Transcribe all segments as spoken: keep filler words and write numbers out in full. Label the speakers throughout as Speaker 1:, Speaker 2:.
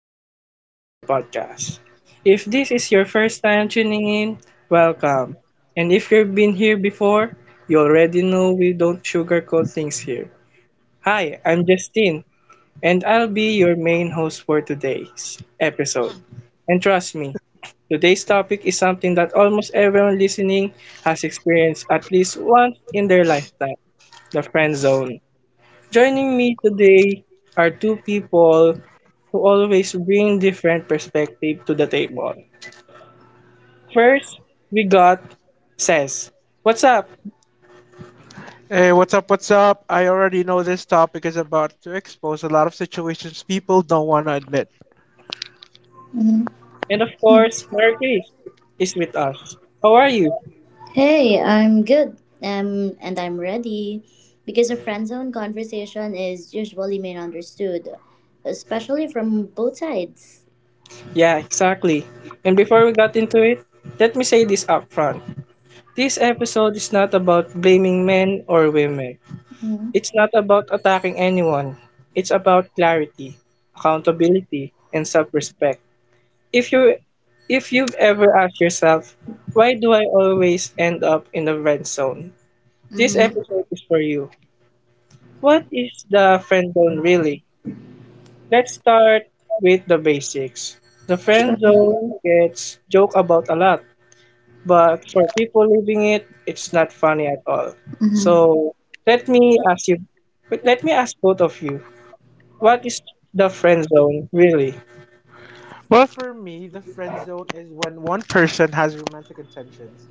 Speaker 1: Episode of the podcast. If this is your first time tuning in, welcome. And if you've been here before, you already know we don't sugarcoat things here. Hi, I'm Justine, and I'll be your main host for today's episode. And trust me, today's topic is something that almost everyone listening has experienced at least once in their lifetime, the friend zone. Joining me today are two people who always bring different perspective to the table. First, we got Says, what's up?
Speaker 2: Hey, what's up? What's up? I already know this topic is about to expose a lot of situations people don't want to admit.
Speaker 3: Mhm.
Speaker 1: And of course, Mary Chris is with us. How are you?
Speaker 3: Hey, I'm good. Um, and I'm ready, because a friend zone conversation is usually misunderstood, especially from both sides.
Speaker 1: Yeah, exactly. And before we got into it, let me say this up front. This episode is not about blaming men or women. It's
Speaker 3: Mm-hmm.
Speaker 1: not about attacking anyone. It's about clarity, accountability, and self-respect. If you if you've ever asked yourself, why do I always end up in the friend zone? This
Speaker 3: Mm-hmm.
Speaker 1: episode is for you. What is the friend zone really? Let's start with the basics. The friend
Speaker 3: Sure.
Speaker 1: zone gets joked about a lot, but for people living it, it's not funny at all.
Speaker 3: Mm-hmm.
Speaker 1: So let me ask you, let me ask both of you, what is the friend zone really?
Speaker 2: Well, for me, the friend zone is when one person has romantic intentions,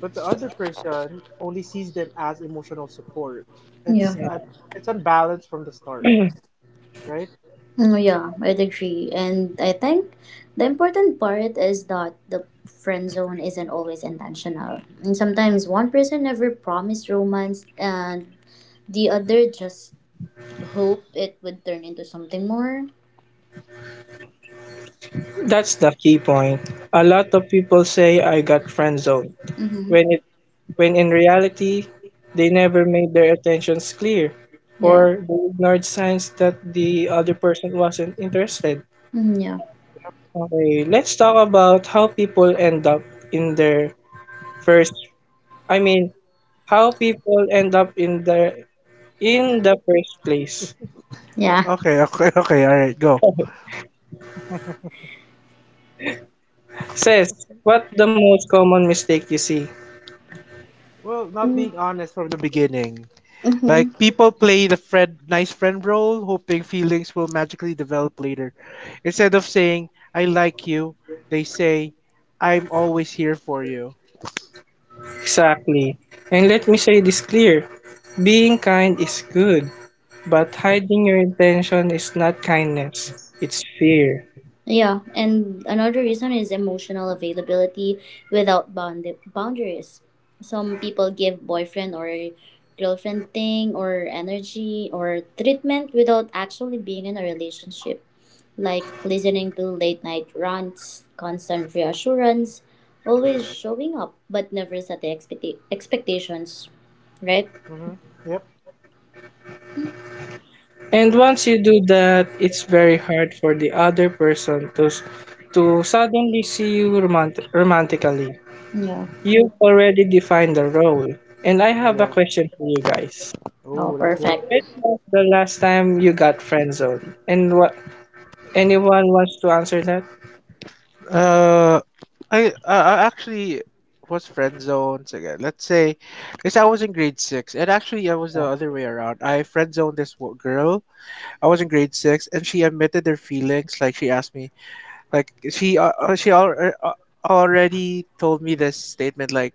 Speaker 2: but the other person only sees them as emotional support.
Speaker 3: Yeah.
Speaker 2: It's
Speaker 1: Yeah.
Speaker 2: un- it's unbalanced from the start, right?
Speaker 3: Mm, Yeah, I'd agree. And I think the important part is that the friend zone isn't always intentional. And sometimes one person never promised romance and the other just hope it would turn into something more.
Speaker 1: That's the key point. A lot of people say I got friend zoned,
Speaker 3: Mm-hmm.
Speaker 1: when it when in reality they never made their intentions clear
Speaker 3: Yeah.
Speaker 1: or they ignored signs that the other person wasn't interested.
Speaker 3: Mhm, yeah.
Speaker 2: Yep.
Speaker 1: Okay,
Speaker 2: Hmm.
Speaker 1: let's talk about how people end up in their first I mean how people end up in the in the first place.
Speaker 3: Yeah.
Speaker 2: Okay, okay, okay. All right, go.
Speaker 1: Says, what the most common mistake you see?
Speaker 2: Well, not being honest from the beginning.
Speaker 3: Mm-hmm.
Speaker 2: Like, people play the friend nice friend role, hoping feelings will magically develop later. Instead of saying "I like you," they say "I'm always here for you."
Speaker 1: Exactly. And let me say this clear. Being kind is good, but hiding your intention is not kindness, it's fear.
Speaker 3: Yeah, and another reason is emotional availability without bound- boundaries. Some people give boyfriend or girlfriend thing or energy or treatment without actually being in a relationship, like listening to late night rants, constant reassurance, always showing up but never set the expect- expectations, right?
Speaker 2: Mm-hmm. Yep.
Speaker 1: And once you do that, it's very hard for the other person to, s- to suddenly see you romant- romantically.
Speaker 3: Yeah.
Speaker 1: You've already defined the role. And I have a
Speaker 2: Yeah.
Speaker 1: question for you guys.
Speaker 3: Oh,
Speaker 2: Oh, let's go.
Speaker 3: perfect.
Speaker 1: When was the last time you got friend zoned? And what anyone wants to answer that?
Speaker 2: Uh, I I I actually was friend zoned again. Let's say, because I was in grade six, and actually I was the
Speaker 1: Yeah.
Speaker 2: other way around. I friend zoned this wo- girl. I was in grade six, and she admitted her feelings. Like she asked me, Like she uh, uh, she al uh, uh, already told me this statement like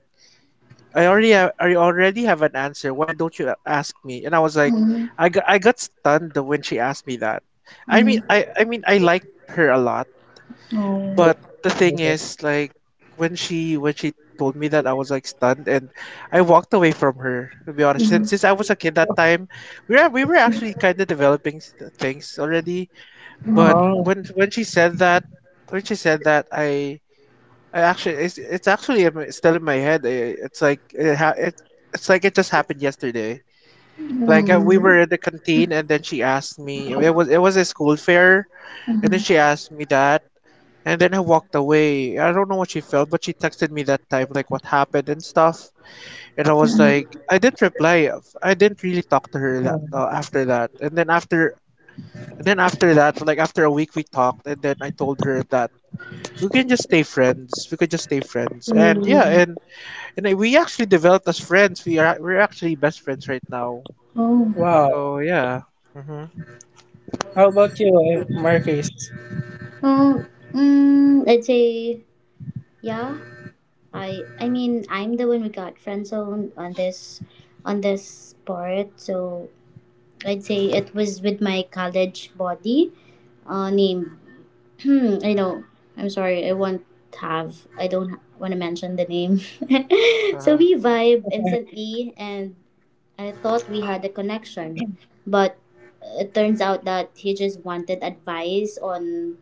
Speaker 2: I already have, I already have an answer. Why don't you a- ask me? And I was like,
Speaker 3: Mm-hmm.
Speaker 2: I got, I got stunned when she asked me that. I mean,
Speaker 3: Mm-hmm.
Speaker 2: I I mean, I liked her a lot,
Speaker 3: Oh.
Speaker 1: Yeah.
Speaker 2: but the thing
Speaker 1: Okay.
Speaker 2: is, like, when she when she told me that, I was like stunned, and I walked away from her. To be honest, since since I was a kid that time, we were we were actually kind of developing s- things already. But when
Speaker 1: Oh.
Speaker 2: when she said that, when she said that, I I actually, it's it's actually in my- still in my head. I- It's like it ha it, it's like it just happened yesterday. Like, uh,
Speaker 1: Wow.
Speaker 2: we were in the canteen, and then she asked me. It was it was a school fair, and then she asked me that, and then I walked away. I don't know what she felt, but she texted me that time, like what happened and stuff. And I was like, I didn't reply. I didn't really talk to her that,
Speaker 1: Oh,
Speaker 2: uh, after that. And then after and then after that, like after a week, we talked, and then I told her that we can just stay friends. We could just stay friends. And yeah, and and I, we actually developed as friends. We are we're actually best friends right now.
Speaker 3: Oh.
Speaker 1: wow.
Speaker 2: So yeah. Mhm.
Speaker 1: How about you, eh, Marcus?
Speaker 3: Um, mm, I'd say yeah. I I mean I'm the one who got friend zone on this on this part. So I'd say it was with my college body uh, name. I know. I'm sorry. I won't have. I don't want to mention the name.
Speaker 2: Uh
Speaker 3: So
Speaker 2: huh.
Speaker 3: we vibe instantly, and I thought we had a connection, but it turns out that he just wanted advice on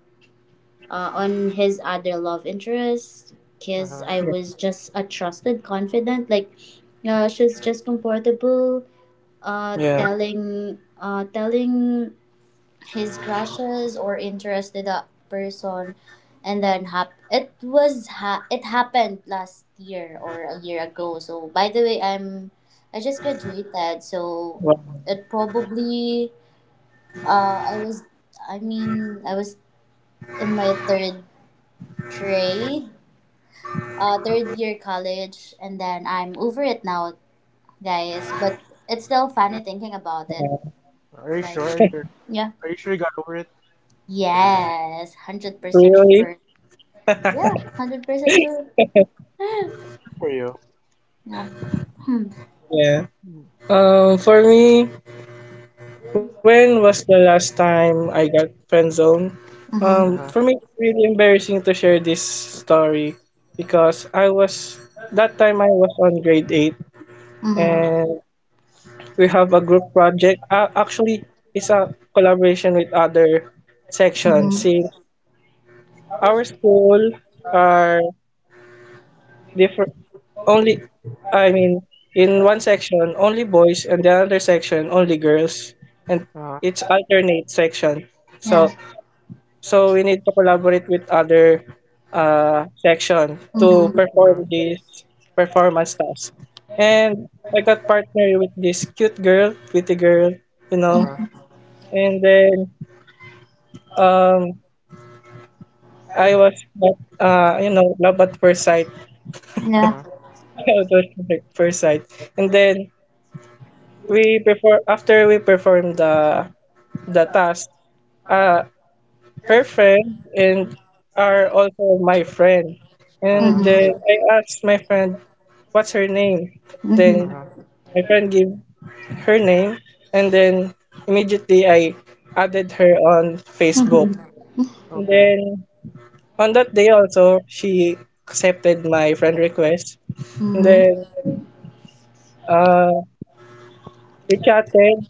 Speaker 3: uh, on his other love interest,
Speaker 2: Uh
Speaker 3: because
Speaker 2: huh.
Speaker 3: I
Speaker 1: Yeah.
Speaker 3: was just a trusted confidant. Like, uh, she's just comfortable uh,
Speaker 1: Yeah.
Speaker 3: telling uh, telling his crushes or interest to that person, and then hap- it was ha- it happened last year or a year ago. So by the way, I'm I just graduated, so
Speaker 1: Wow.
Speaker 3: it probably uh, I was I mean I was in my third grade uh, third year college, and then I'm over it now, guys. But it's still funny thinking about it.
Speaker 2: Are you
Speaker 3: Like,
Speaker 2: sure? You're g-
Speaker 3: yeah.
Speaker 2: are you sure you got over it?
Speaker 3: Yes,
Speaker 2: Yeah,
Speaker 3: one hundred percent
Speaker 2: okay.
Speaker 1: Really?
Speaker 3: sure. Yeah,
Speaker 2: Okay.
Speaker 3: one hundred percent sure.
Speaker 2: Uh, Good for you.
Speaker 3: Yeah. Hmm.
Speaker 1: Yeah.
Speaker 2: Uh
Speaker 1: Um, for me, when was the last time I got friend zone? Um, for
Speaker 2: huh.
Speaker 3: Mm-hmm.
Speaker 1: me, it's really embarrassing to share this story because I was that time I was on grade eight,
Speaker 2: Uh
Speaker 3: Mm-hmm.
Speaker 2: huh.
Speaker 1: and we have a group project. Uh, actually, it's a collaboration with other sections since
Speaker 3: Mm-hmm.
Speaker 1: our school are different only, I mean, in one section only boys and the other section only girls, and
Speaker 2: Uh huh.
Speaker 1: it's alternate section.
Speaker 3: Yeah.
Speaker 1: So so we need to collaborate with other uh, section to
Speaker 3: Mm-hmm.
Speaker 2: Uh huh.
Speaker 1: perform this performance task. And I got partnered with this cute girl, pretty girl, you
Speaker 2: Uh huh. Uh
Speaker 1: know.
Speaker 2: huh.
Speaker 1: And then um I was uh you know love at first sight.
Speaker 3: Mm-hmm.
Speaker 2: Uh
Speaker 3: Yeah.
Speaker 1: I at first sight. And then we perform after we perform the the task, uh her friend and are also my friend,
Speaker 2: huh.
Speaker 1: and then
Speaker 3: Mm-hmm.
Speaker 1: I asked my friend what's her name, then
Speaker 2: Uh-huh.
Speaker 3: Mm-hmm.
Speaker 1: my friend gave her name, and then immediately I added her on Facebook, and
Speaker 2: Okay.
Speaker 1: then on that day also she accepted my friend request, and
Speaker 3: Mm-hmm.
Speaker 1: then uh we chatted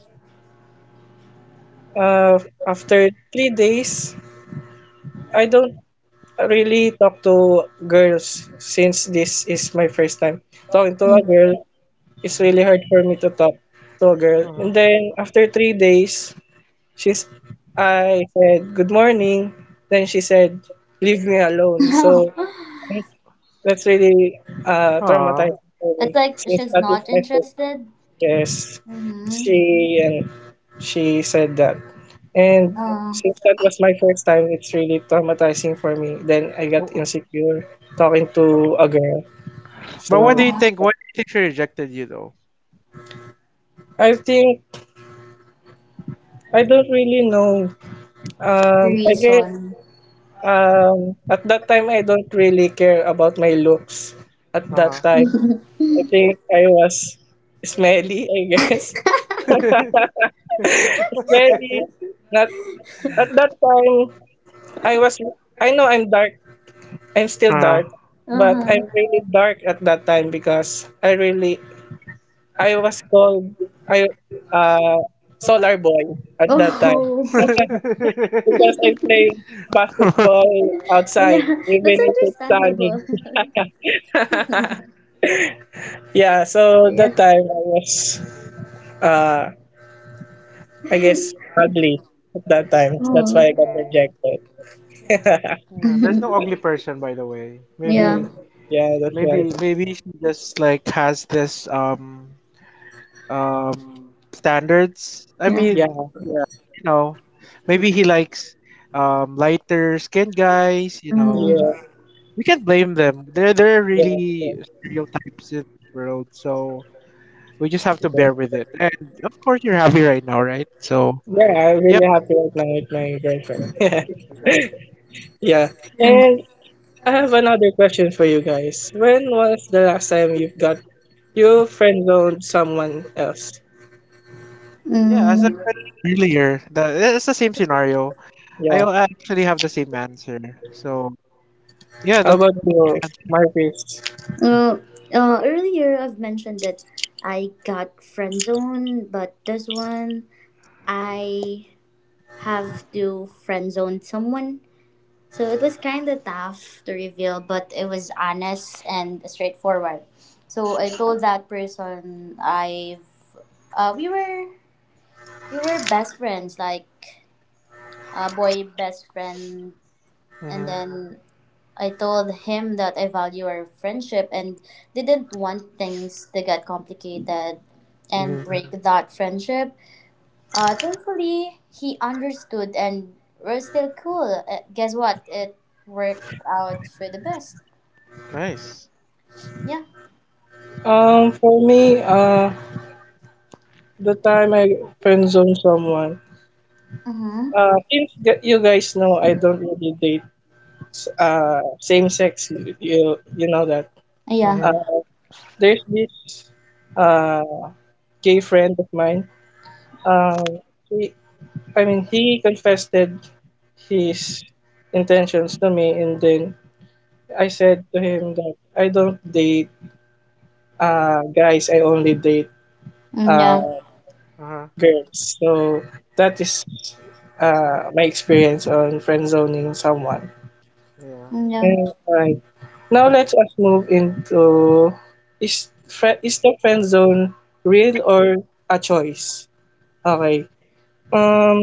Speaker 1: uh after three days. I don't really talk to girls since this is my first time talking to a girl. It's really
Speaker 2: Uh
Speaker 1: hard for me to talk to a girl.
Speaker 2: huh. Uh huh.
Speaker 1: And then after three days, she's I said good morning. Then she said, "Leave me alone." So
Speaker 3: Mm-hmm.
Speaker 1: that's really uh,
Speaker 2: Aw.
Speaker 1: traumatizing for
Speaker 3: It's
Speaker 1: me
Speaker 3: like
Speaker 1: since
Speaker 3: she's
Speaker 1: that is
Speaker 3: not
Speaker 1: my first.
Speaker 3: interested.
Speaker 1: Yes,
Speaker 3: Mm-hmm.
Speaker 1: she and she said that. And
Speaker 3: Uh,
Speaker 1: since that was my first time, it's really traumatizing for me. Then I
Speaker 2: Oh.
Speaker 1: got insecure talking to a
Speaker 2: wh-
Speaker 1: girl.
Speaker 2: But why do
Speaker 1: So
Speaker 2: you
Speaker 3: uh,
Speaker 2: think? Why do you think she rejected you though?
Speaker 1: I think I don't really know.
Speaker 3: the
Speaker 1: Um, I guess
Speaker 3: reason.
Speaker 1: um, at that time I don't really care about my looks. At
Speaker 2: Uh huh.
Speaker 1: that time, I think I was smelly. I guess smelly. Not at that time I was. I know I'm dark, I'm
Speaker 2: Uh
Speaker 1: still
Speaker 2: huh.
Speaker 1: dark, but
Speaker 3: Uh-huh.
Speaker 1: I'm really dark at that time because I really I was called I uh solar boy at that time.
Speaker 3: Oh.
Speaker 1: because I played basketball outside
Speaker 3: Yeah,
Speaker 1: even
Speaker 3: that's
Speaker 1: if it's sunny.
Speaker 3: understandable.
Speaker 1: yeah, so that
Speaker 3: Yeah.
Speaker 1: time I was uh I guess ugly at that time. That's why
Speaker 3: Oh.
Speaker 1: I got
Speaker 2: Mm.
Speaker 1: rejected.
Speaker 2: Mm, there's no ugly person, by the way.
Speaker 3: Yeah.
Speaker 2: Maybe
Speaker 1: yeah, that's right.
Speaker 2: Maybe maybe she just like has this um um standards. I
Speaker 3: Yeah.
Speaker 1: Yeah,
Speaker 2: mean, yeah, you know. Maybe he likes um lighter skinned guys, you know.
Speaker 3: Mm.
Speaker 1: yeah,
Speaker 2: So we can't blame them. There there are
Speaker 1: yeah. Yeah.
Speaker 2: really stereotypes in this world, so we just have to
Speaker 1: Yeah.
Speaker 2: bear with it. And of course you're happy right now, right? So,
Speaker 1: Yeah, I'm
Speaker 2: yep.
Speaker 1: really happy right now
Speaker 2: Hmm.
Speaker 1: with my
Speaker 2: Hmm.
Speaker 1: girlfriend.
Speaker 2: Exactly.
Speaker 1: yeah.
Speaker 3: Yeah.
Speaker 1: And I have another question for you guys. When was the last time you have got you friend zoned someone else?
Speaker 2: Yeah, as
Speaker 3: Mm.
Speaker 2: I've mentioned earlier, that it's the same scenario. I,
Speaker 1: Yeah.
Speaker 2: I actually have the same answer. So yeah,
Speaker 1: How
Speaker 2: that's
Speaker 1: about
Speaker 2: my
Speaker 1: you,
Speaker 2: answer.
Speaker 1: Marcus?
Speaker 3: Uh, uh, Earlier, I've mentioned that I got friend zone, but this one I have to friend zone someone. So it was kind of tough to reveal, but it was honest and straightforward. So I told that person I've uh, we were we were best friends, like uh, boy best friend. And
Speaker 2: Mm-hmm.
Speaker 3: then I told him that I value our friendship and didn't want things to get complicated and
Speaker 2: Mm-hmm.
Speaker 3: break that friendship. Uh, thankfully, he understood and we're still cool. Uh, guess what? It worked out for the best.
Speaker 2: Nice.
Speaker 3: Yeah.
Speaker 2: Uh-huh.
Speaker 1: Um, for me, uh, the time I friend zoned someone,
Speaker 3: Mm-hmm.
Speaker 1: uh, since g- you guys know I don't really date uh same sex. You you, you know that.
Speaker 2: Mm-hmm.
Speaker 3: Yeah.
Speaker 1: Uh, there's this uh gay friend of mine. Um, I mean, he confessed his intentions to me, and then I said to him that I don't date uh, guys, I only date
Speaker 3: Mm, yeah.
Speaker 1: uh,
Speaker 2: Uh-huh.
Speaker 1: girls. So that is uh, my experience on friend zoning someone.
Speaker 2: Yeah.
Speaker 3: Mm, yeah.
Speaker 1: And,
Speaker 3: Mm-hmm.
Speaker 1: like, now let us move into, is, fri- is the friend zone real or a choice? Okay. Um,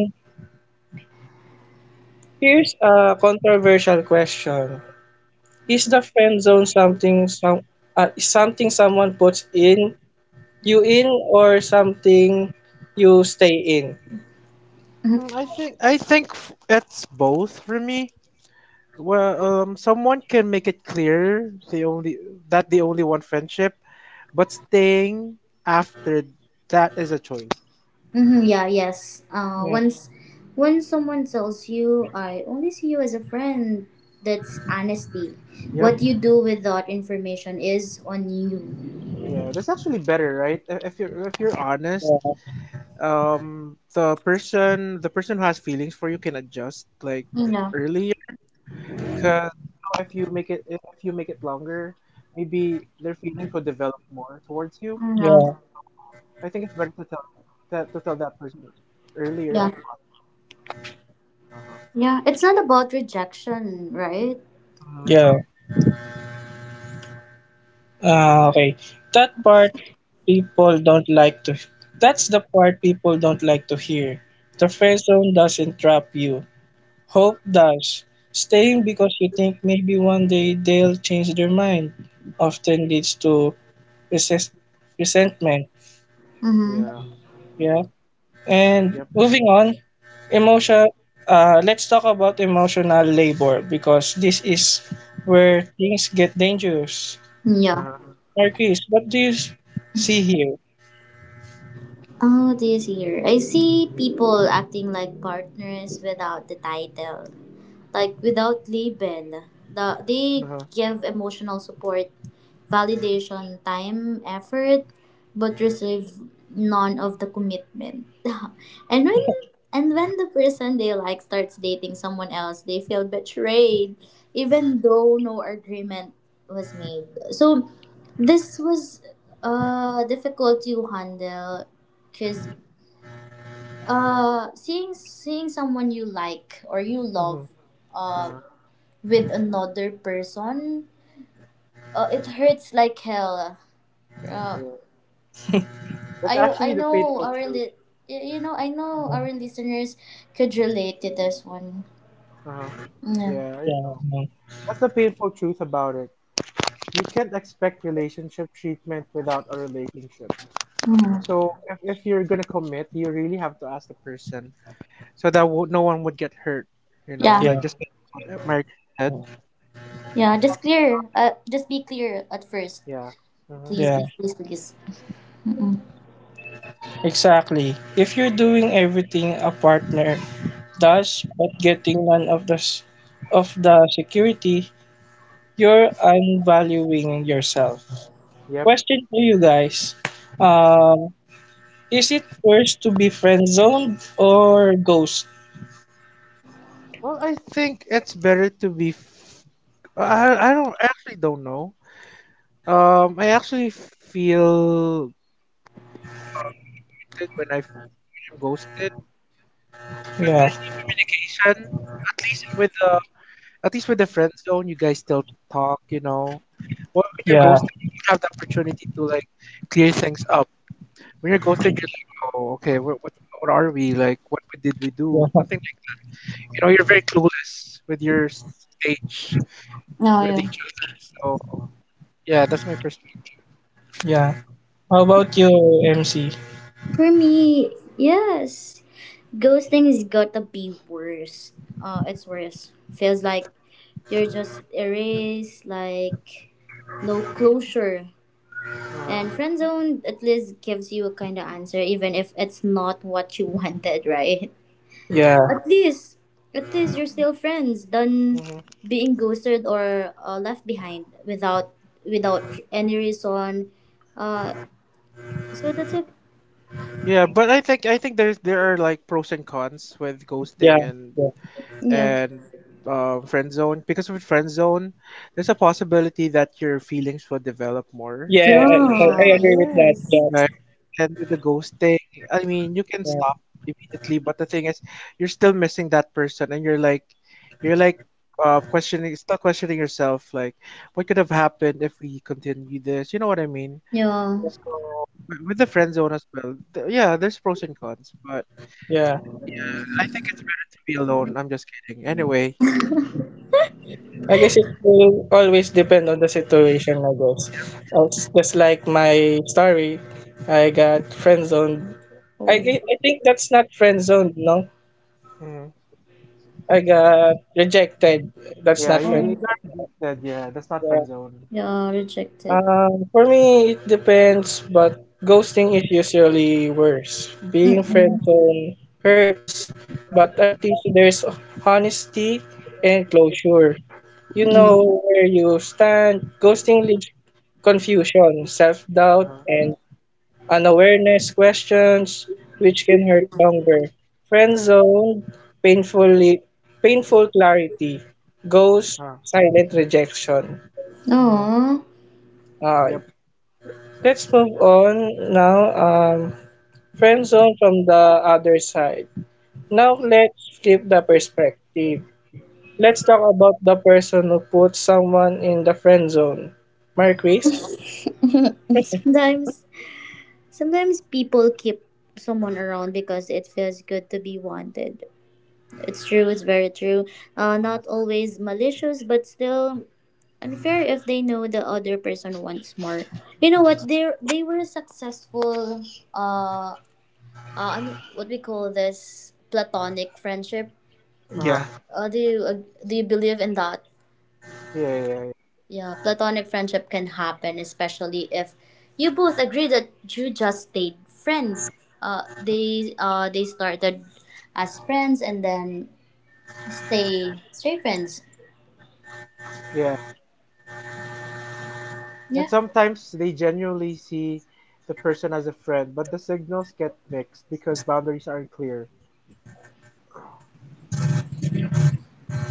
Speaker 1: here's a controversial question. Is the friend zone something some uh, is something someone puts in you in, or something you stay in?
Speaker 2: Mm, I think I think f- it's both for me. Well, um, someone can make it clear they only that they only want friendship, but staying after that is a choice.
Speaker 3: Mm-hmm, yeah, yes. Uh,
Speaker 1: Yeah,
Speaker 3: once when someone tells you, "I only see you as a friend," that's honesty.
Speaker 2: Yep.
Speaker 3: What you do with that information is on you.
Speaker 2: Yeah, that's actually better, right? I- If you're if you're honest,
Speaker 1: yeah,
Speaker 2: um the person the person who has feelings for you can adjust like
Speaker 3: You know.
Speaker 2: earlier, because, you know, if you make it I- if you make it longer, maybe their feelings will develop more towards you.
Speaker 3: You know.
Speaker 1: yeah.
Speaker 2: So I think it's better to tell her that, to tell that person earlier
Speaker 3: Yeah.
Speaker 2: as possible. Uh-huh.
Speaker 3: Yeah. It's not
Speaker 2: Yeah.
Speaker 3: about rejection, right?
Speaker 2: Mm-hmm.
Speaker 1: Yeah. Uh, okay, that part people don't like to. That's the part people don't like to hear. The friend zone doesn't trap you. Hope does. Staying because you think maybe one day they'll change their mind often leads to resist- resentment.
Speaker 2: Yeah.
Speaker 3: Mm-hmm.
Speaker 1: Yeah. And
Speaker 2: Yep.
Speaker 1: moving on, emotion. Uh, let's talk about emotional labor because this is where things get dangerous.
Speaker 3: Yeah.
Speaker 2: Uh-huh.
Speaker 1: Marquis, what do you s- see here?
Speaker 3: Oh, this year I see people acting like partners without the title, like without label. The, they
Speaker 2: Uh-huh.
Speaker 3: give emotional support, validation, time, effort, but receive none of the commitment. And when and when the person they like starts dating someone else, they feel betrayed, even though no agreement was made. So this was uh difficult to handle because uh seeing seeing someone you like or you
Speaker 2: Hmm.
Speaker 3: love uh
Speaker 2: Uh-huh.
Speaker 3: with another person, uh, it hurts like hell. Uh,
Speaker 2: Yeah, that's
Speaker 3: I
Speaker 2: actually
Speaker 3: I
Speaker 2: the
Speaker 3: know
Speaker 2: painful
Speaker 3: our
Speaker 2: truth.
Speaker 3: li- y- you know I know our listeners could relate to this one.
Speaker 2: Uh-huh.
Speaker 3: Yeah.
Speaker 2: Yeah, I
Speaker 1: Yeah,
Speaker 2: know, that's the painful truth about it. You can't expect relationship treatment without a relationship.
Speaker 3: Mhm.
Speaker 2: So, if, if you're gonna commit, you really have to ask the person so that w- no one would get hurt. You know,
Speaker 3: Yeah.
Speaker 2: like
Speaker 1: yeah,
Speaker 2: just like what uh, Mary Chris said,
Speaker 3: Yeah.
Speaker 2: you
Speaker 3: Just
Speaker 2: have to be
Speaker 3: clear.
Speaker 2: honest.
Speaker 3: Uh, just be
Speaker 2: Hmm.
Speaker 3: clear at first,
Speaker 2: Yeah. Hmm.
Speaker 3: please.
Speaker 1: yeah.
Speaker 3: Please. Please. Please. Mm-mm.
Speaker 1: Exactly. If you're doing everything a partner does, but getting none of the s- of the security, you're unvaluing yourself.
Speaker 2: Yep.
Speaker 1: Question to you guys. um, Is it worse to be friend zoned or ghost?
Speaker 2: Well, I think it's better to be. F- I I don't I actually don't know. Um, I actually feel um disappointed when I f- when I'm ghosted, because
Speaker 1: Yeah,
Speaker 2: there's no communication. At least uh, with the, at least with the friend zone, you guys still talk, you know. But when you're
Speaker 1: yeah,
Speaker 2: ghosted, you don't have the opportunity to like clear things up. When you're ghosted, you're like, oh, okay, what, what, what are we like? What we- did we do?
Speaker 1: yeah,
Speaker 2: Something like that. You know, you're very clueless with your s- stage
Speaker 3: No.
Speaker 2: with
Speaker 3: Yeah.
Speaker 2: each other. So yeah, that's my perspective.
Speaker 1: yeah. How about you, M C?
Speaker 3: For me, yes, ghosting is gotta be worse. Uh, it's worse. Feels like you're just erased. Like no closure.
Speaker 2: Uh-huh.
Speaker 3: And friend zone at least gives you a kind of answer, even if it's not what you wanted, right?
Speaker 2: Uh-huh.
Speaker 1: Yeah,
Speaker 3: At least, at least you're still friends than
Speaker 2: Hmm.
Speaker 3: being ghosted or uh, left behind without without any reason. Uh, so that's it.
Speaker 2: Yeah, but I think, I think there's there are like pros and cons with
Speaker 1: yeah,
Speaker 2: ghosting and,
Speaker 1: yeah.
Speaker 3: Yeah.
Speaker 2: and uh, friend zone, because with friend zone there's a possibility that your feelings will develop more
Speaker 1: Yeah,
Speaker 2: towards
Speaker 1: I,
Speaker 2: the
Speaker 1: I I
Speaker 2: person,
Speaker 3: Yeah.
Speaker 1: agree with that,
Speaker 3: Yes.
Speaker 1: Josh.
Speaker 2: right? And with the ghosting, I mean, you can
Speaker 1: Yeah,
Speaker 2: stop immediately, but the thing is, you're still missing that person and you're like you're like um, questioning, still questioning yourself like what could have happened if we continue this, you know what I mean?
Speaker 3: Yeah.
Speaker 2: So w- with the friend zone as well, th- yeah, there's pros and cons. But
Speaker 1: yeah.
Speaker 2: yeah, I think it's better to be alone, I'm just kidding anyway.
Speaker 1: I guess it will always depend on the situation, I
Speaker 2: Yep,
Speaker 1: guess.
Speaker 2: yep.
Speaker 1: Uh, It's
Speaker 2: Hmm.
Speaker 1: just like my story, I got friend zoned. I, thi-
Speaker 3: Oh.
Speaker 1: I think that's not friend zoned, no?
Speaker 2: Mm-hmm.
Speaker 1: I got rejected. That's
Speaker 2: Yeah,
Speaker 1: not
Speaker 2: you,
Speaker 1: friend.
Speaker 2: you got
Speaker 3: Oh.
Speaker 2: rejected. Yeah, that's not friend zone.
Speaker 3: Yeah. Rejected.
Speaker 1: Um, for me, it depends, but ghosting is usually worse. Being
Speaker 3: Mm-mm.
Speaker 1: friend zone hurts, but at least there's honesty and closure. You know
Speaker 2: Mm-hmm.
Speaker 3: Mm-mm.
Speaker 1: where you stand. Ghosting leaves confusion, self doubt,
Speaker 2: Uh
Speaker 1: and unawareness questions, which can hurt longer. Friend zone, painfully, painful clarity.
Speaker 2: huh.
Speaker 1: Ghost,
Speaker 2: Uh.
Speaker 1: silent rejection.
Speaker 2: Mm-hmm.
Speaker 3: Aw.
Speaker 1: Ah,
Speaker 2: Yep.
Speaker 1: let's move on now. Um, friend zone from the other side. Now let's flip the perspective. Let's talk about the person who puts someone in the friend zone. Marquis?
Speaker 3: Sometimes Sometimes people keep someone around because it feels good to be wanted. It's true, it's very true. Uh, not always malicious, but still unfair if they know the other person wants more. You know what? They they were successful. Uh, uh, ano- what we call this platonic friendship.
Speaker 2: Uh huh.
Speaker 1: Yeah.
Speaker 3: Uh, do you ag- do you believe in that?
Speaker 2: Yeah, yeah, yeah.
Speaker 3: Yeah, platonic friendship can happen, especially if you both agree that you just stayed friend. Uh,
Speaker 2: Uh huh.
Speaker 3: they uh they started as friends and then stay stay friends.
Speaker 2: Yeah. And
Speaker 3: Yeah.
Speaker 2: sometimes they genuinely see the person as a friend, but the signals get mixed because boundaries aren't clear.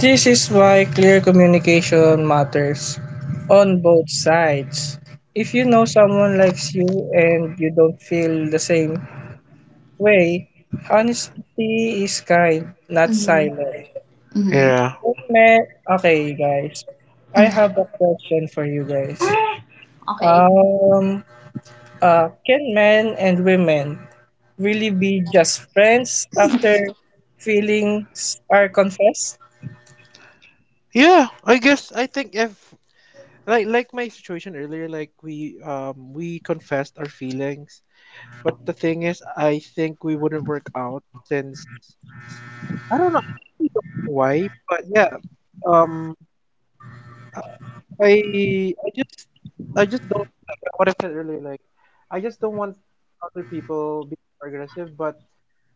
Speaker 1: This is why clear communication matters on both sides. If you know someone likes you and you don't feel the same way, honesty is kind, not
Speaker 3: Mm-hmm.
Speaker 1: silent.
Speaker 3: Mm-hmm.
Speaker 2: Yeah.
Speaker 1: Amen. Okay, guys. I have a question for you guys.
Speaker 3: Okay.
Speaker 1: Um, uh, can men and women really be just friends after feelings are confessed?
Speaker 2: Yeah, I guess, I think if, like like my situation earlier, like we um we confessed our feelings, but the thing is I think we wouldn't work out, since I don't know. I actually don't know why, but yeah. Um, I I I just I just don't like, uh, what I said earlier. Like, I just don't want other people being more aggressive. But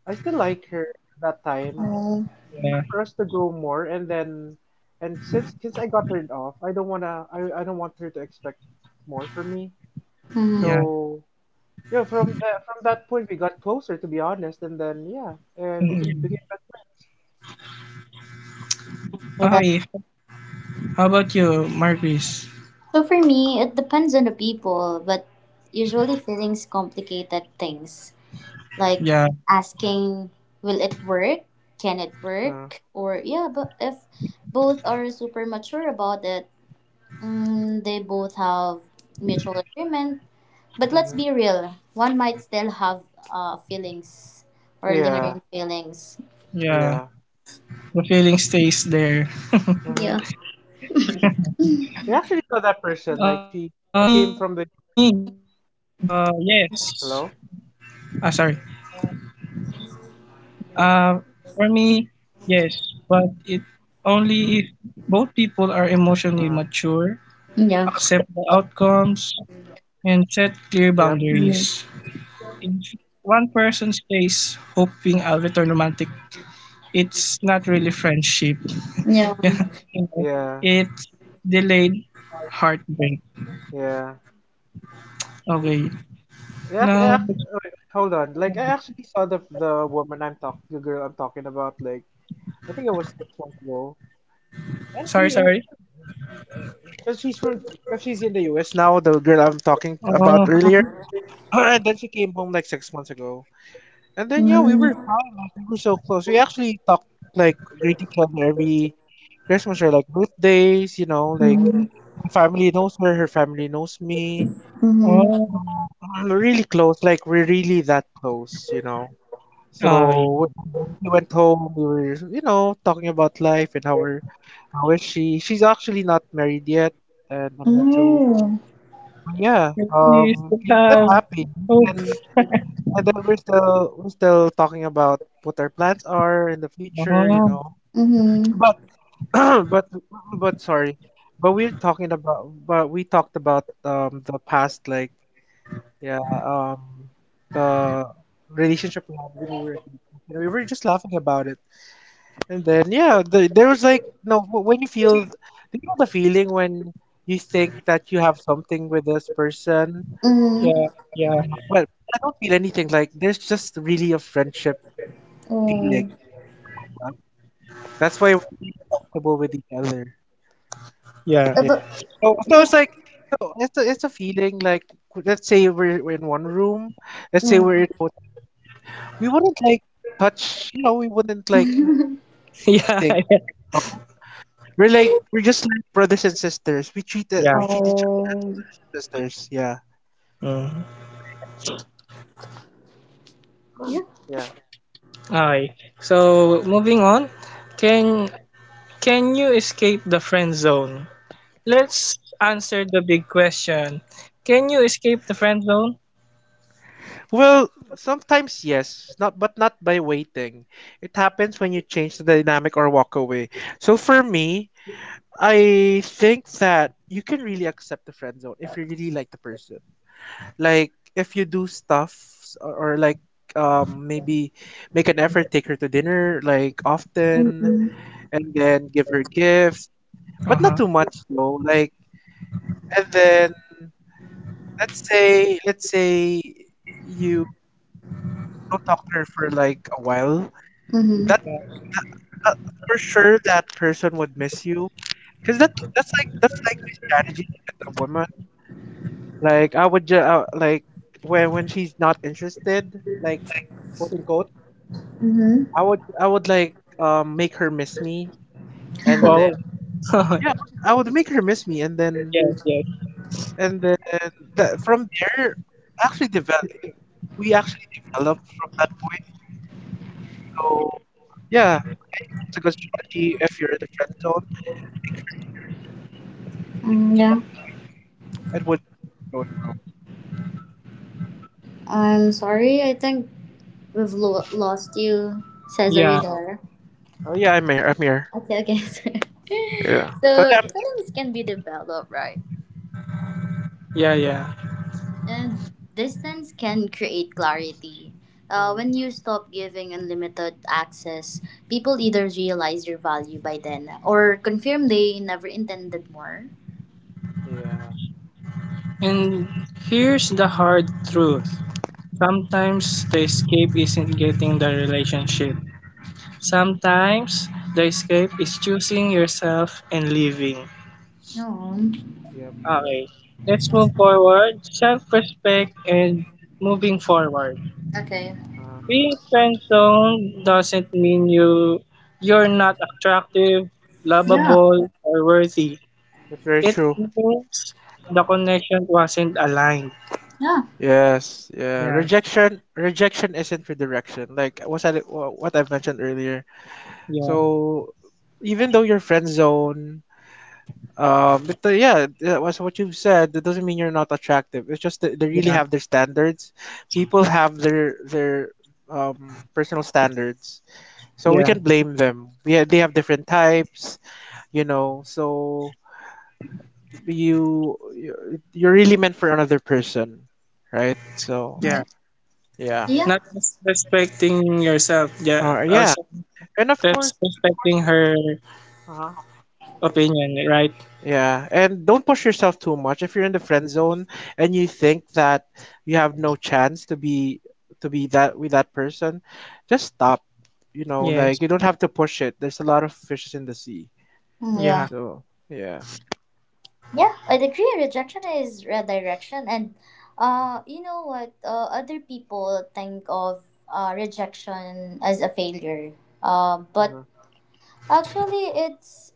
Speaker 2: I still like her that time.
Speaker 3: Uh,
Speaker 2: But
Speaker 1: Yeah,
Speaker 2: for us to grow more, and then, and since since I got turned off, I don't wanna. I I don't want her to expect more from me.
Speaker 3: mhm.
Speaker 1: yeah.
Speaker 2: So yeah, from that from that point, we got closer to be honest, and then yeah, and we
Speaker 1: Mm,
Speaker 2: can
Speaker 1: yeah.
Speaker 2: became best friends.
Speaker 3: So that
Speaker 1: Okay, how about you, Marquis?
Speaker 3: so For me, it depends on the people, but usually feelings complicated things, like
Speaker 1: Yeah,
Speaker 3: asking, will it work, can it
Speaker 2: Huh.
Speaker 3: work? Or yeah, but if both are super mature about it, mm, they both have mutual agreement, but let's
Speaker 2: Mm-hmm.
Speaker 3: be real, one might still have uh, feelings or
Speaker 2: Yeah.
Speaker 3: lingering feelings.
Speaker 1: yeah.
Speaker 2: Yeah.
Speaker 1: The feeling stays there.
Speaker 2: Mhm.
Speaker 3: Yeah.
Speaker 2: Yep. We actually saw
Speaker 1: Um,
Speaker 2: that
Speaker 1: for
Speaker 2: person.
Speaker 1: me,
Speaker 2: Like she she
Speaker 1: uh,
Speaker 2: came from the
Speaker 1: yes.
Speaker 2: U S.
Speaker 1: Ah, sorry.
Speaker 2: Hello?
Speaker 1: Uh, for me, yes, but it only if both people are emotionally mature,
Speaker 2: Uh-huh.
Speaker 1: accept the
Speaker 3: Yeah.
Speaker 1: outcomes, and set clear boundaries.
Speaker 2: Yep.
Speaker 3: Mm.
Speaker 1: If one person stays hoping I'll return romantic, it's not really friendship. you
Speaker 3: Yeah.
Speaker 1: know,
Speaker 2: Yeah.
Speaker 1: it's delayed heartbreak.
Speaker 2: Yeah.
Speaker 1: Okay.
Speaker 2: Yeah, ac-
Speaker 1: No,
Speaker 2: yeah, ac- oh, wait, hold on. Like I actually saw the the woman I'm talk the girl I'm talking about, like, I think it was 6 months ago. And
Speaker 1: sorry,
Speaker 2: we
Speaker 1: sorry.
Speaker 2: cuz she's from cuz she's in the U S now, the girl I'm talking about
Speaker 1: Oh,
Speaker 2: earlier. And then she came home like six months ago. And then yeah, we were
Speaker 3: Mm-hmm.
Speaker 2: fine. Like, we were so close. We actually talk, like, greet each other every Christmas or like birthdays. You know, like
Speaker 3: Mm-hmm.
Speaker 2: my family knows her, her family knows me.
Speaker 1: oh,
Speaker 2: So we're really close. Like, we're really that close. You know.
Speaker 1: oh.
Speaker 2: So w- w- when she went home, we were, you know, talking about life and how we're how is she? She's actually not married yet, and uh, me too.
Speaker 3: Oh.
Speaker 2: But yeah,
Speaker 1: We
Speaker 2: um,
Speaker 1: still
Speaker 2: she's still
Speaker 1: have
Speaker 2: happy. And
Speaker 1: hope.
Speaker 2: then and then we're still we're still talking about what our plans are in the future, you
Speaker 1: Oh,
Speaker 2: know.
Speaker 3: Mm-hmm.
Speaker 2: But but but sorry, but we're talking about but we talked about um the past, like, yeah, um the relationship we had when we were engaged sex, and we were just laughing about it. And then yeah, the, there was like no wh- when you feel, do you know the feeling when you think that you have something with this person?
Speaker 1: yeah,
Speaker 3: Mm-hmm.
Speaker 1: yeah,
Speaker 2: Yeah, but, but I don't feel anything. Like, there's just really a friendship
Speaker 3: Oh.
Speaker 2: feeling, you know, towards us. That's why we're really comfortable with each other.
Speaker 1: yeah,
Speaker 3: Uh, but
Speaker 2: Yeah. So, so it's
Speaker 3: but
Speaker 2: like, so it's a, it's a feeling like, let's say we're we're in one room, let's say we're
Speaker 3: mm.
Speaker 2: in a hotel room, we wouldn't like touch, you know, we wouldn't like do
Speaker 1: yeah,
Speaker 2: anything, you know. We're like we're just like brothers and sisters. We treat the,
Speaker 1: yeah.
Speaker 2: we treat each other as
Speaker 3: Oh,
Speaker 2: brothers and sisters. Yeah.
Speaker 1: Mm.
Speaker 2: So yeah.
Speaker 3: yeah.
Speaker 2: Yeah.
Speaker 1: Alright. So moving on, can can you escape the friend zone? Let's answer the big question. Can you escape the friend zone?
Speaker 2: Well, sometimes yes, not but not by waiting. It happens when you change the dynamic or walk away. So for me, I think that you can really accept the friend zone if you really like the person. Like, if you do stuff, or, or like, um maybe make an effort, take her to dinner like often,
Speaker 3: Mm-hmm.
Speaker 2: and then give her gifts,
Speaker 1: Uh
Speaker 2: but not
Speaker 1: huh.
Speaker 2: too much though. Like, and then, let's say let's say you you don't talk to her for like a while,
Speaker 3: Mm-hmm.
Speaker 2: that,
Speaker 1: Yeah.
Speaker 2: that uh, for sure that person would miss you. Cause that that's like, that's like my strategy to get a woman. Like, I would just, uh, like, when when she's not interested, like, quote unquote,
Speaker 3: Mm-hmm.
Speaker 2: I would ju- I would like, um make her miss me, and
Speaker 1: Oh.
Speaker 2: then yeah, I would I would make her miss me, and then,
Speaker 1: yes, yes.
Speaker 2: and then that from there, I actually develop we actually develop from that point. So yeah, I think that's a good strategy if you're in the friend zone. Make her miss you, and then
Speaker 3: Mm,
Speaker 2: from
Speaker 3: yeah.
Speaker 2: that point, you it would grow and grow and grow. Yeah.
Speaker 3: I'm sorry. I think we've lo- lost you. Says, are you
Speaker 1: Yeah,
Speaker 2: Oh.
Speaker 3: there?
Speaker 2: Oh yeah, I'm here. I'm here.
Speaker 3: Okay, okay.
Speaker 2: Yeah. So
Speaker 3: So,
Speaker 2: yeah, I'm done.
Speaker 3: feelings can be developed, right?
Speaker 1: yeah, yeah.
Speaker 3: And distance can create clarity. Uh, when
Speaker 2: Hmm.
Speaker 3: you stop giving unlimited access, people either realize your value by then or confirm they never intended more.
Speaker 2: Yeah.
Speaker 1: And here's the hard truth. Sometimes the escape isn't getting the relationship. Sometimes the escape is choosing yourself and living.
Speaker 3: Oh,
Speaker 2: Yep.
Speaker 1: Okay, let's move forward. Self respect and moving forward.
Speaker 3: okay.
Speaker 2: Uh,
Speaker 1: Being friend zone doesn't mean you you're not attractive,
Speaker 3: Yeah.
Speaker 1: lovable, or worthy.
Speaker 2: that's very
Speaker 1: It
Speaker 2: true.
Speaker 1: means the connection wasn't aligned.
Speaker 3: Yeah.
Speaker 2: Yes. Yeah.
Speaker 1: Yeah,
Speaker 2: Rejection. Rejection isn't redirection. Like what I what I've mentioned earlier.
Speaker 1: yeah,
Speaker 2: So even though you're friend zone. Um, but, uh, yeah, that was what you've said. That doesn't mean you're not attractive. It's just that they really
Speaker 1: yeah,
Speaker 2: have their standards. People have their their um, personal standards, so we
Speaker 1: yeah,
Speaker 2: can blame them. We ha- they have different types, you know. So you you- you're really meant for another person, right? So
Speaker 1: yeah.
Speaker 3: Right.
Speaker 2: yeah,
Speaker 3: Yeah.
Speaker 1: Not just respecting yourself, yeah,
Speaker 2: uh,
Speaker 1: also
Speaker 2: yeah, and of
Speaker 1: res-
Speaker 2: course, and of course,
Speaker 1: respecting her
Speaker 2: uh-huh.
Speaker 1: opinion, right?
Speaker 2: Yeah, and don't push yourself too much. If you're in the friend zone and you think that you have no chance to be, to be that with that person, just stop. You know, like,
Speaker 1: Yes.
Speaker 2: you don't have to push it. There's a lot of fishes in the sea.
Speaker 3: Mm, yeah.
Speaker 1: Yeah.
Speaker 2: So, yeah.
Speaker 3: Yeah, I'd agree. Rejection is redirection, and uh, you know what? Uh, other people think of uh, rejection as a failure. Uh, but
Speaker 2: Uh-huh.
Speaker 3: actually, it's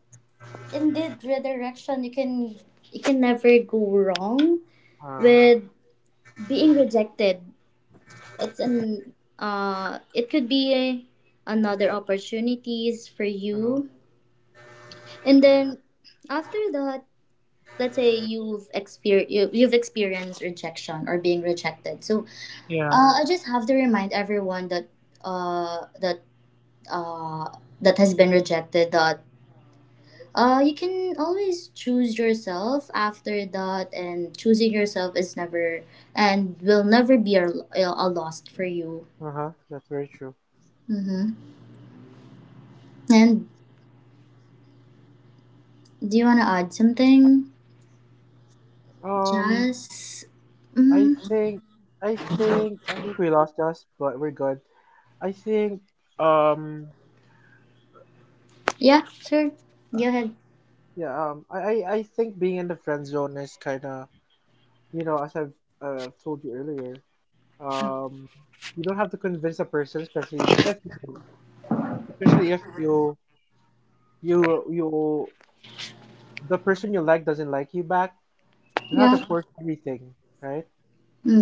Speaker 3: indeed redirection. You can you can never go wrong
Speaker 2: Uh-huh.
Speaker 3: with being rejected. It's an uh, it could be another opportunities for
Speaker 2: Uh-huh.
Speaker 3: you, and then after that, let's say you've exper- you- you've experienced rejection or being rejected. So uh, I just have to remind everyone that uh, that uh, that has been rejected that uh, you can always choose yourself after that, and choosing yourself is never and will never be a, a loss for you.
Speaker 2: Uh-huh. That's very true.
Speaker 3: Mm-hmm. And do you want to add something?
Speaker 2: Um,
Speaker 3: Just
Speaker 2: I
Speaker 3: mm,
Speaker 2: think I think I think we lost Josh, but we're good. I think, um
Speaker 3: yeah, sure,
Speaker 2: uh,
Speaker 3: go ahead.
Speaker 2: yeah, um I I I think being in the friend zone is kind of, you know, as I've uh, I've told you earlier, um, you don't have to convince a person, especially if you don't, especially if you you you, the person you like doesn't like you back. You don't have to
Speaker 3: Yeah,
Speaker 2: force everything, right?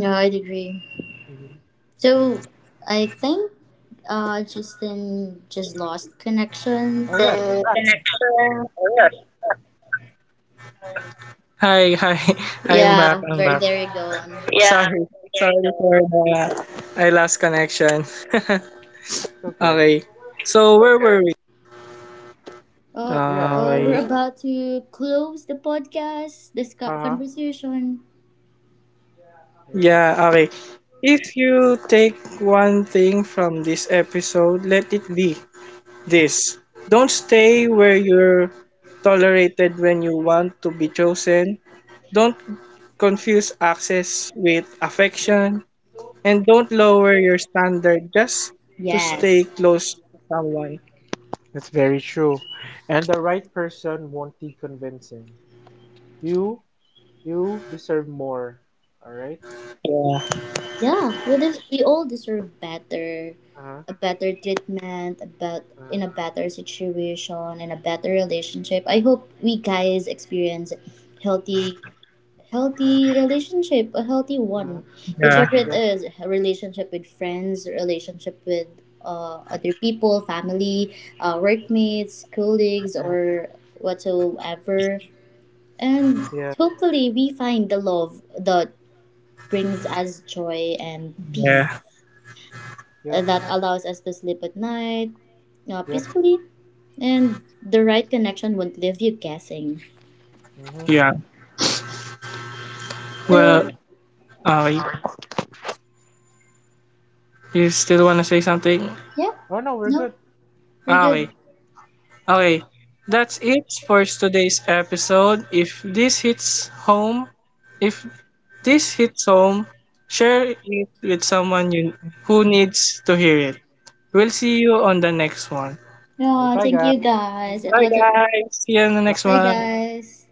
Speaker 3: no, I'd agree.
Speaker 2: Mm-hmm.
Speaker 3: So I think uh, Justin just lost
Speaker 2: Oh yeah,
Speaker 3: connection.
Speaker 2: he's
Speaker 1: um,
Speaker 2: back. He's back.
Speaker 1: connection. Ayun. Hi, hi. I'm back.
Speaker 3: Yeah,
Speaker 1: I'm
Speaker 3: where
Speaker 1: back.
Speaker 3: there you go. On.
Speaker 1: Yeah. Sorry. Okay, sorry, so for the I connection.
Speaker 2: Okay.
Speaker 1: okay. So where were we?
Speaker 3: Uh,
Speaker 2: Yeah.
Speaker 3: uh,
Speaker 1: Okay.
Speaker 3: we're
Speaker 2: So.
Speaker 3: about to close the podcast, this co-
Speaker 2: Uh huh.
Speaker 3: conversation.
Speaker 2: Yeah.
Speaker 1: Yeah, okay. If you take one thing from this episode, let it be this. Don't stay where you're tolerated when you want to be chosen. Don't confuse access with affection. And don't lower your standard just to stay
Speaker 3: Yes.
Speaker 1: close to someone.
Speaker 2: That's very true. And the right person won't need convincing. You you deserve more. All right.
Speaker 1: Yeah,
Speaker 3: Yeah, we des- we all deserve better,
Speaker 2: Uh
Speaker 3: a
Speaker 2: huh.
Speaker 3: better treatment, about
Speaker 2: Uh huh.
Speaker 3: in a better situation, in a better relationship. I hope we guys experience healthy healthy relationship, a healthy
Speaker 2: Uh huh.
Speaker 3: one,
Speaker 1: yeah,
Speaker 3: whichever it
Speaker 2: Yep.
Speaker 3: is, a relationship with friends, relationship with uh, other people, family, uh, workmates, colleagues,
Speaker 2: Yeah.
Speaker 3: or
Speaker 2: Uh huh.
Speaker 3: whatsoever, and
Speaker 2: Yeah.
Speaker 3: hopefully we find the love that brings us joy and peace,
Speaker 1: yeah,
Speaker 3: uh,
Speaker 2: Yep.
Speaker 3: that allows us to sleep at night uh,
Speaker 2: Yep.
Speaker 3: peacefully, and the right connection won't leave you guessing.
Speaker 2: Mm-hmm.
Speaker 1: yeah.
Speaker 2: All
Speaker 3: So
Speaker 2: right.
Speaker 1: Well, okay. You still want to say something?
Speaker 3: yeah,
Speaker 2: Oh no, we're
Speaker 3: no,
Speaker 2: good.
Speaker 3: we're
Speaker 1: Ah,
Speaker 3: good.
Speaker 1: okay, okay. That's it for today's episode. If this hits home, if this hits home, share it with someone you who needs to hear it. We'll see you on the next one.
Speaker 2: All right.
Speaker 3: No,
Speaker 2: Bye,
Speaker 3: thank you
Speaker 2: guys.
Speaker 3: guys. It
Speaker 1: Bye,
Speaker 3: was a-
Speaker 1: guys. See you on the next
Speaker 3: bye,
Speaker 1: one.
Speaker 2: Bye.
Speaker 3: guys.